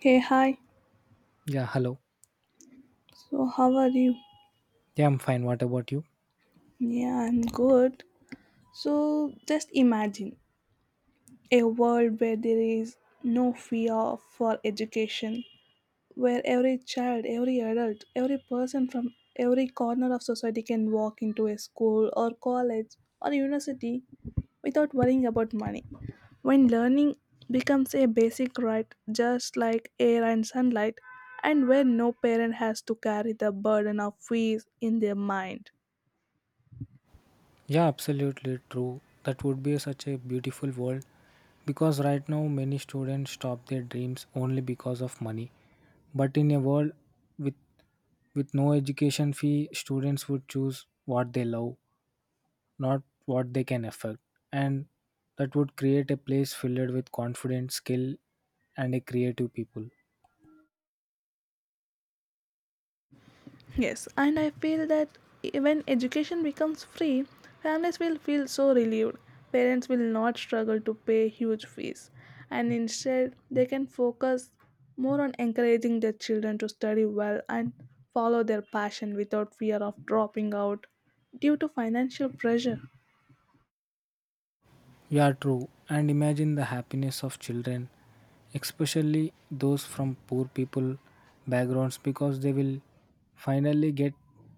Hey, hi. Yeah, hello. So, how are you? Yeah, I'm fine. What about you? Yeah, I'm good. So, just imagine a world where there is no fear for education, where every child, every adult, every person from every corner of society can walk into a school or college or university without worrying about money. When learning becomes a basic right, just like air and sunlight, and where no parent has to carry the burden of fees in their mind. Yeah, absolutely true. That would be such a beautiful world because right now many students stop their dreams only because of money. But in a world with with no education fee, students would choose what they love, not what they can afford. And that would create a place filled with confidence, skill and a creative people. Yes, and I feel that when education becomes free, families will feel so relieved. Parents will not struggle to pay huge fees, and instead, they can focus more on encouraging their children to study well and follow their passion without fear of dropping out due to financial pressure. Yeah, true. And imagine the happiness of children, especially those from poor people backgrounds, because they will finally get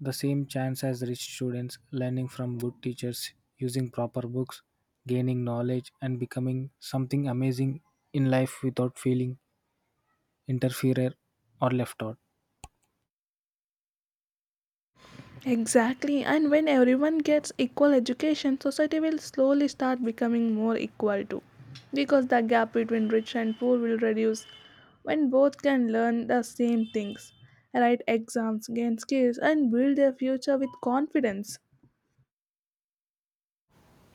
the same chance as rich students, learning from good teachers, using proper books, gaining knowledge, and becoming something amazing in life without feeling interfered or left out. Exactly, and when everyone gets equal education, society will slowly start becoming more equal too. Because the gap between rich and poor will reduce when both can learn the same things, write exams, gain skills, and build their future with confidence.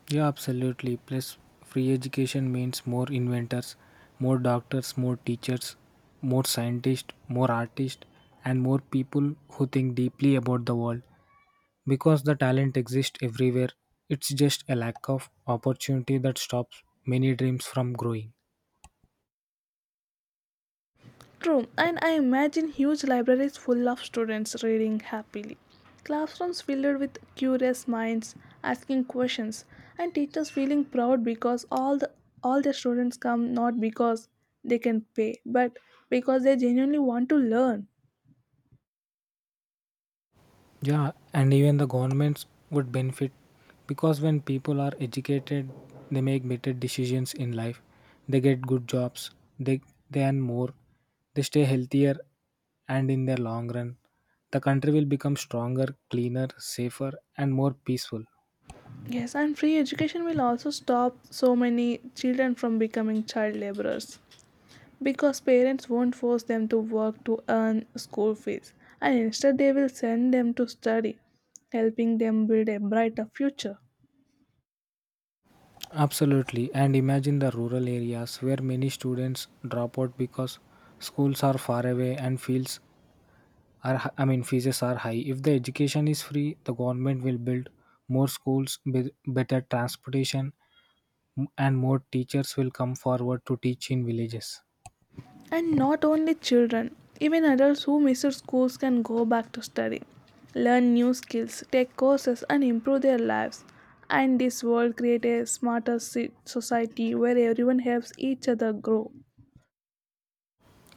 Yeah, absolutely. Plus, free education means more inventors, more doctors, more teachers, more scientists, more artists, and more people who think deeply about the world. Because the talent exists everywhere, it's just a lack of opportunity that stops many dreams from growing. True, and I imagine huge libraries full of students reading happily. Classrooms filled with curious minds asking questions, and teachers feeling proud because all their students come not because they can pay, but because they genuinely want to learn. Yeah, and even the governments would benefit because when people are educated, they make better decisions in life. They get good jobs, they they earn more, they stay healthier, and in the long run, the country will become stronger, cleaner, safer, and more peaceful. Yes, and free education will also stop so many children from becoming child laborers, because parents won't force them to work to earn school fees, and instead they will send them to study, helping them build a brighter future. Absolutely, and imagine the rural areas where many students drop out because schools are far away and fields are hi- I mean fees are high. If the education is free, the government will build more schools, better transportation, and more teachers will come forward to teach in villages. And not only children, even adults who miss out schools can go back to study, learn new skills, take courses, and improve their lives, and this world creates a smarter society where everyone helps each other grow.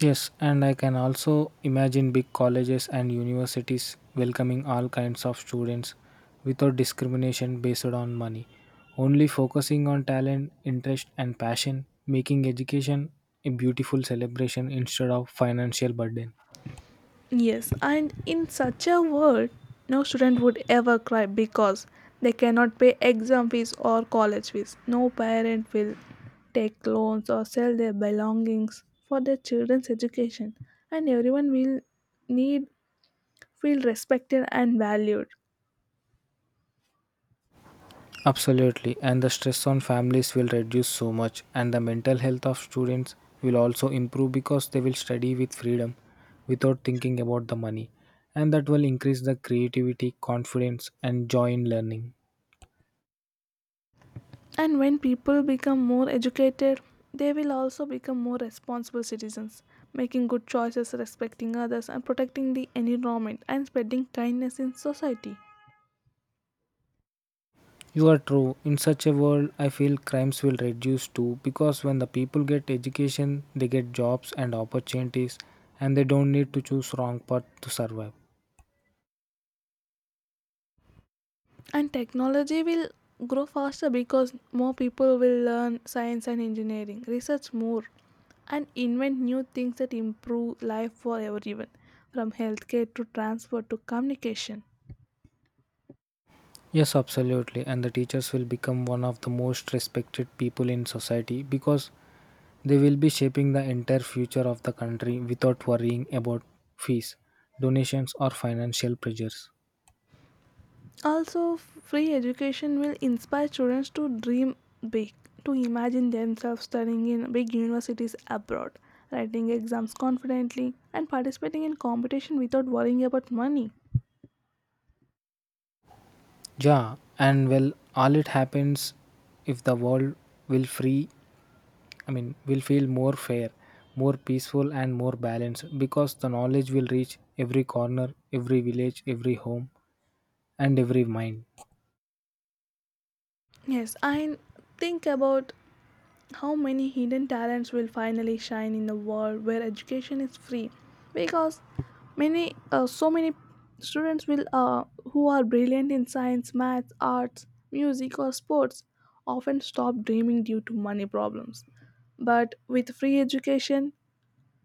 Yes, and I can also imagine big colleges and universities welcoming all kinds of students without discrimination based on money, only focusing on talent, interest and passion, making education a beautiful celebration instead of financial burden. Yes, and in such a world, no student would ever cry because they cannot pay exam fees or college fees. No parent will take loans or sell their belongings for their children's education, and everyone will need feel respected and valued. Absolutely, and the stress on families will reduce so much, and the mental health of students will also improve because they will study with freedom without thinking about the money, and that will increase the creativity, confidence, and joy in learning. And when people become more educated, they will also become more responsible citizens, making good choices, respecting others, and protecting the environment and spreading kindness in society. You are true. In such a world, I feel crimes will reduce too because when the people get education, they get jobs and opportunities, and they don't need to choose wrong path to survive. And technology will grow faster because more people will learn science and engineering, research more, and invent new things that improve life for everyone, from healthcare to transport to communication. Yes, absolutely. And the teachers will become one of the most respected people in society because they will be shaping the entire future of the country without worrying about fees, donations, or financial pressures. Also, free education will inspire students to dream big, to imagine themselves studying in big universities abroad, writing exams confidently, and participating in competition without worrying about money. Yeah, and well, all it happens if the world will free, I mean, will feel more fair, more peaceful, and more balanced because the knowledge will reach every corner, every village, every home, and every mind. Yes, I think about how many hidden talents will finally shine in the world where education is free because many so many students will who are brilliant in science, math, arts, music, or sports often stop dreaming due to money problems, but with free education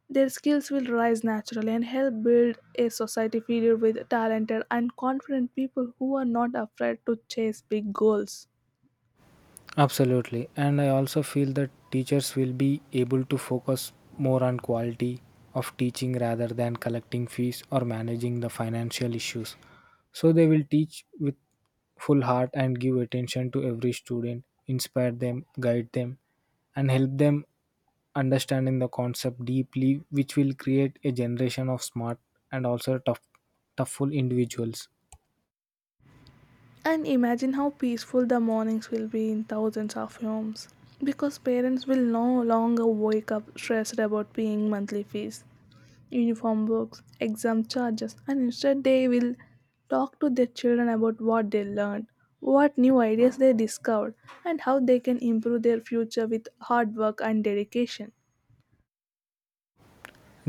their skills will rise naturally and help build a society filled with talented and confident people who are not afraid to chase big goals. Absolutely. And I also feel that teachers will be able to focus more on quality of teaching rather than collecting fees or managing the financial issues. So they will teach with full heart and give attention to every student, inspire them, guide them, and help them understanding the concept deeply, which will create a generation of smart and also toughful individuals. And imagine how peaceful the mornings will be in thousands of homes because parents will no longer wake up stressed about paying monthly fees, uniform books, exam charges, and instead they will talk to their children about what they learned, what new ideas they discovered, and how they can improve their future with hard work and dedication.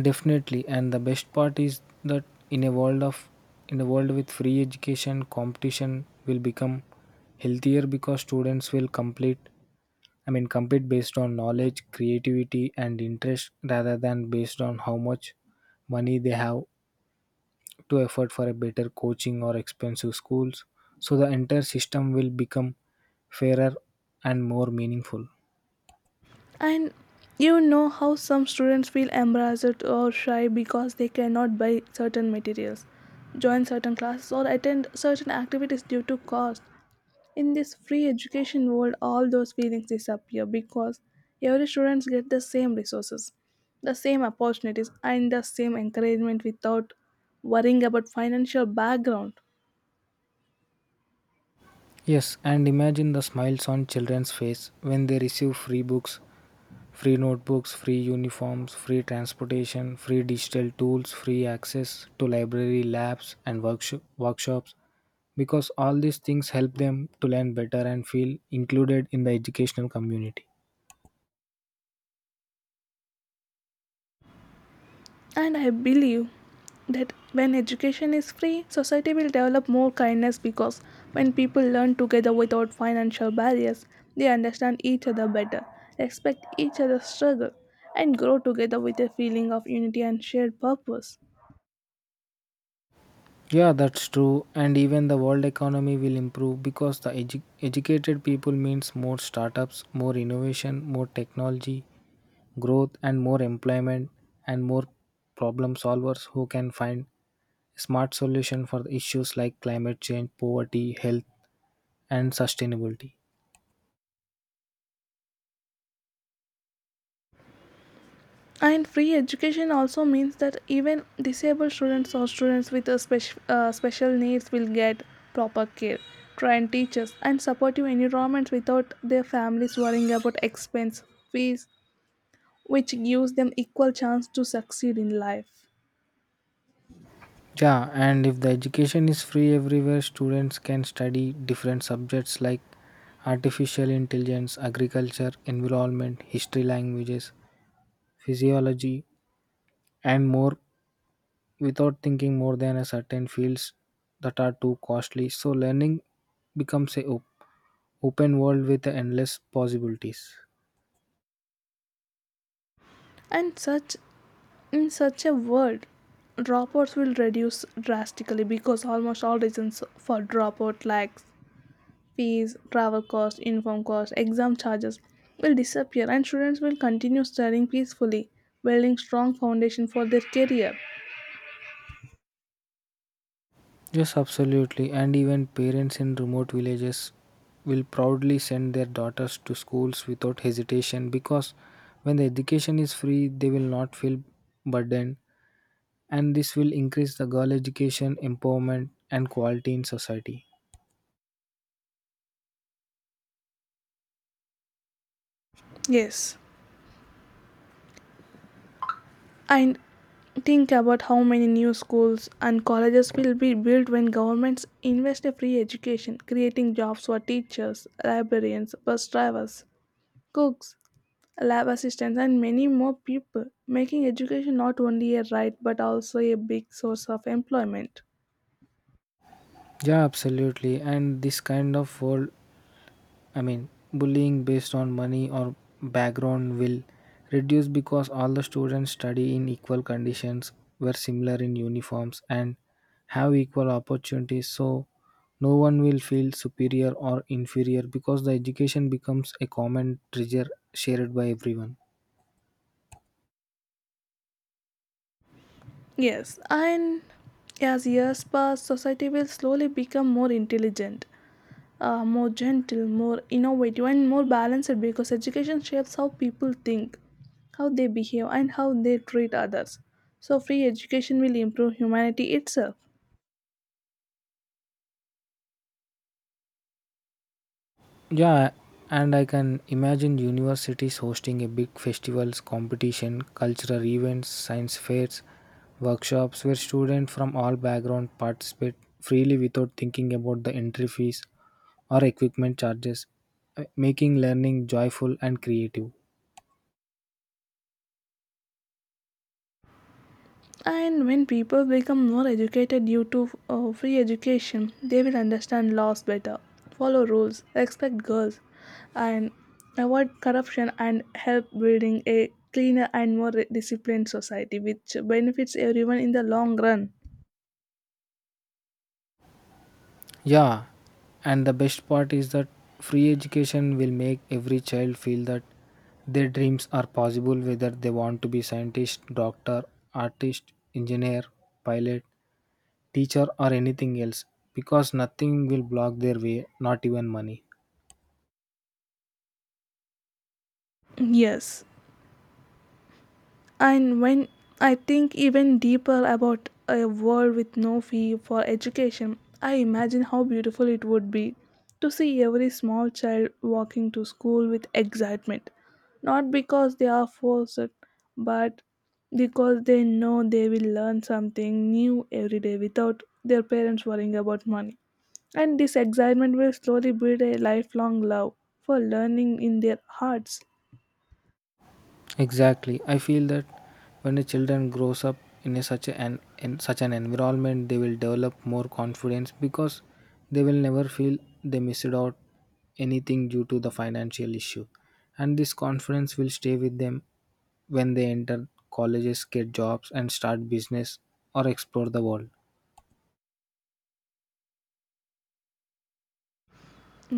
Definitely, and the best part is that in a world of in a world with free education, competition will become healthier because students will complete I mean compete based on knowledge, creativity and interest rather than based on how much money they have to afford for a better coaching or expensive schools. So the entire system will become fairer and more meaningful. And you know how some students feel embarrassed or shy because they cannot buy certain materials, join certain classes, or attend certain activities due to cost. In this free education world, all those feelings disappear because every student get the same resources, the same opportunities, and the same encouragement without worrying about financial background. Yes, and imagine the smiles on children's face when they receive free books, free notebooks, free uniforms, free transportation, free digital tools, free access to library labs and workshops, because all these things help them to learn better and feel included in the educational community. And I believe that when education is free, society will develop more kindness because when people learn together without financial barriers, they understand each other better, respect each other's struggle, and grow together with a feeling of unity and shared purpose. Yeah, that's true. And even the world economy will improve because the educated people means more startups, more innovation, more technology, growth, and more employment, and more problem solvers who can find smart solution for the issues like climate change, poverty, health, and sustainability. And free education also means that even disabled students or students with a special needs will get proper care, trained teachers, and supportive environments without their families worrying about expense, fees, which gives them equal chance to succeed in life. Yeah, and if the education is free everywhere, students can study different subjects like artificial intelligence, agriculture, environment, history, languages, physiology, and more without thinking more than a certain fields that are too costly. So learning becomes open world with endless possibilities. And such In such a world, dropouts will reduce drastically because almost all reasons for dropout like fees, travel costs, uniform costs, exam charges will disappear and students will continue studying peacefully, building strong foundation for their career. Yes, absolutely. And even parents in remote villages will proudly send their daughters to schools without hesitation because when the education is free, they will not feel burdened, and this will increase the girl education, empowerment, and quality in society. Yes. And think about how many new schools and colleges will be built when governments invest in free education, creating jobs for teachers, librarians, bus drivers, cooks, lab assistants, and many more people, making education not only a right but also a big source of employment. Yeah, absolutely. And this kind of world, I mean, bullying based on money or background will reduce because all the students study in equal conditions, wear similar in uniforms, and have equal opportunities. So, no one will feel superior or inferior because the education becomes a common treasure shared by everyone. Yes, and as years pass, society will slowly become more intelligent, more gentle, more innovative, and more balanced because education shapes how people think, how they behave, and how they treat others. So, free education will improve humanity itself. Yeah, and I can imagine universities hosting a big festivals, competition, cultural events, science fairs, workshops where students from all backgrounds participate freely without thinking about the entry fees or equipment charges, making learning joyful and creative. And when people become more educated due to free education, they will understand laws better, follow rules, respect girls, and avoid corruption and help building a cleaner and more disciplined society, which benefits everyone in the long run. Yeah, and the best part is that free education will make every child feel that their dreams are possible, whether they want to be scientist, doctor, artist, engineer, pilot, teacher or anything else, because nothing will block their way, not even money. Yes. And when I think even deeper about a world with no fee for education, I imagine how beautiful it would be to see every small child walking to school with excitement, not because they are forced, but because they know they will learn something new every day without their parents worrying about money. And this excitement will slowly build a lifelong love for learning in their hearts. Exactly, I feel that when the children grows up in a such an in such an environment, they will develop more confidence because they will never feel they missed out anything due to the financial issue, and this confidence will stay with them when they enter colleges, get jobs and start business or explore the world.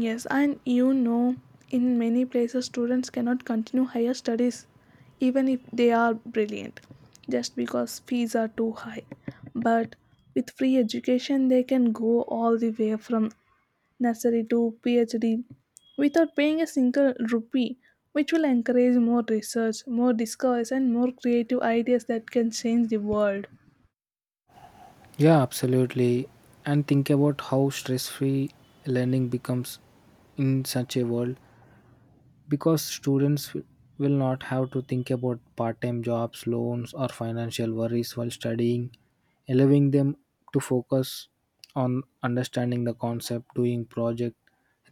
Yes, and you know, in many places, students cannot continue higher studies even if they are brilliant just because fees are too high. But with free education, they can go all the way from nursery to PhD without paying a single rupee, which will encourage more research, more discoveries, and more creative ideas that can change the world. Yeah, absolutely. And think about how stress free learning becomes in such a world because students will not have to think about part time jobs, loans, or financial worries while studying, allowing them to focus on understanding the concept, doing project,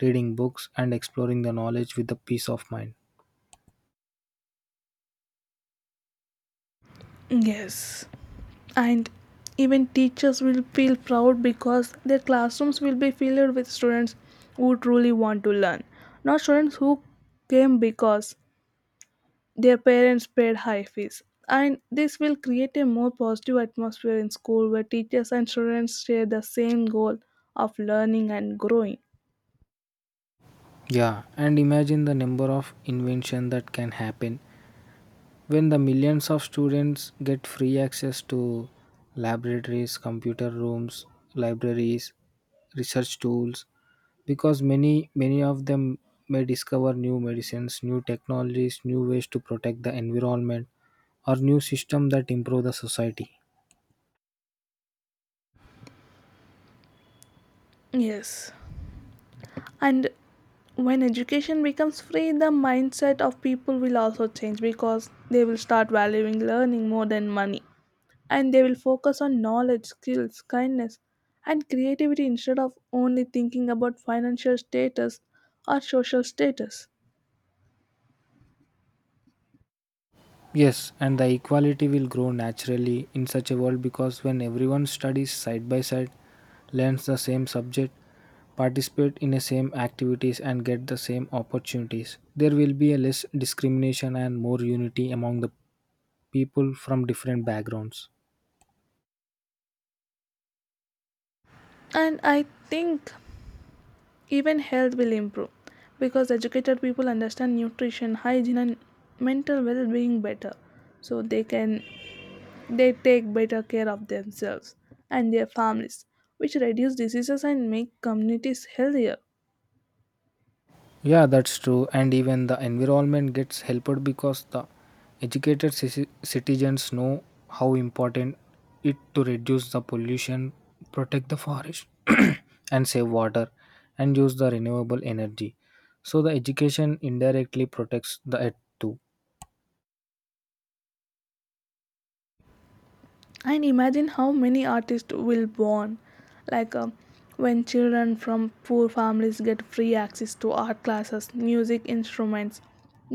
reading books, and exploring the knowledge with a peace of mind. Yes. And even teachers will feel proud because their classrooms will be filled with students who truly want to learn, not students who came because their parents paid high fees, and this will create a more positive atmosphere in school where teachers and students share the same goal of learning and growing. Yeah, and imagine the number of invention that can happen when the millions of students get free access to laboratories, computer rooms, libraries, research tools, because many of them may discover new medicines, new technologies, new ways to protect the environment or new system that improve the society. Yes, and when education becomes free, the mindset of people will also change because they will start valuing learning more than money, and they will focus on knowledge, skills, kindness, and creativity instead of only thinking about financial status or social status. Yes, and the equality will grow naturally in such a world because when everyone studies side by side, learns the same subject, participate in the same activities and get the same opportunities, there will be a less discrimination and more unity among the people from different backgrounds. And I think even health will improve because educated people understand nutrition, hygiene, and mental well being better. So they take better care of themselves and their families, which reduce diseases and make communities healthier. Yeah, that's true. And even the environment gets helped because the citizens know how important it to reduce the pollution, protect the forest, and save water, and use the renewable energy. So the education indirectly protects the earth too. And imagine how many artists will born, like, when children from poor families get free access to art classes, music instruments,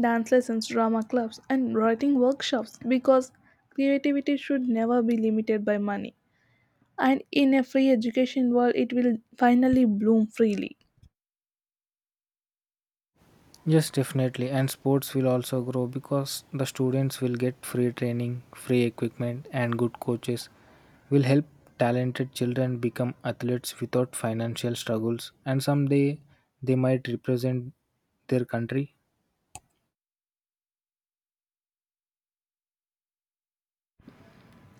dance lessons, drama clubs, and writing workshops, because creativity should never be limited by money, and in a free education world it will finally bloom freely. Yes, definitely. And sports will also grow because the students will get free training, free equipment, and good coaches will help talented children become athletes without financial struggles. And someday they might represent their country.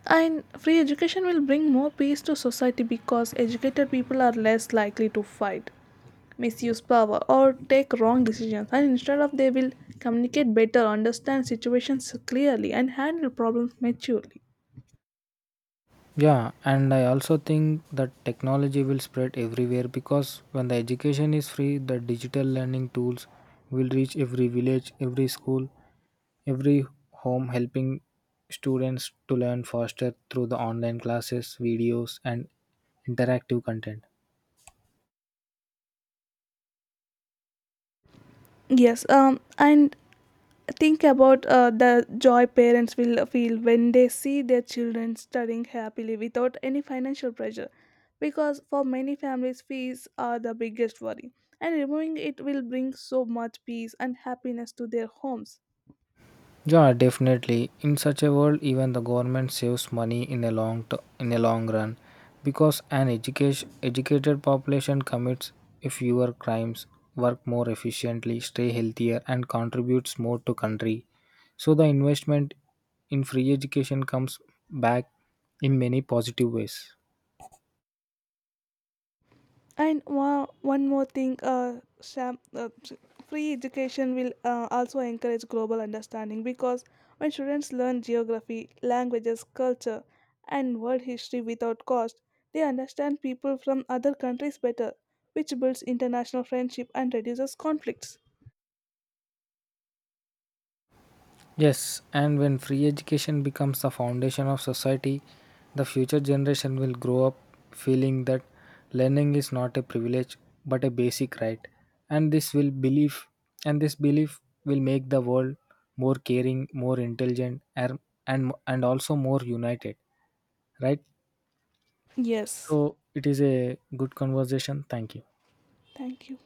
And free education will bring more peace to society because educated people are less likely to fight, misuse power, or take wrong decisions. And instead of they will communicate better, understand situations clearly, and handle problems maturely. Yeah, and I also think that technology will spread everywhere because when the education is free, the digital learning tools will reach every village, every school, every home, helping students to learn faster through the online classes, videos, and interactive content. Yes, and think about the joy parents will feel when they see their children studying happily without any financial pressure, because for many families fees are the biggest worry and removing it will bring so much peace and happiness to their homes. Yeah, definitely. In such a world, even the government saves money in a long run, because an education educated population commits fewer crimes, work more efficiently, stay healthier, and contributes more to country. So the investment in free education comes back in many positive ways. And one more thing, Sam, free education will also encourage global understanding because when students learn geography, languages, culture, and world history without cost, they understand people from other countries better, which builds international friendship and reduces conflicts. Yes, and when free education becomes the foundation of society, the future generation will grow up feeling that learning is not a privilege but a basic right. And this will belief and this belief will make the world more caring, more intelligent and also more united. Right? Yes, So it is a good conversation. Thank you. thank you.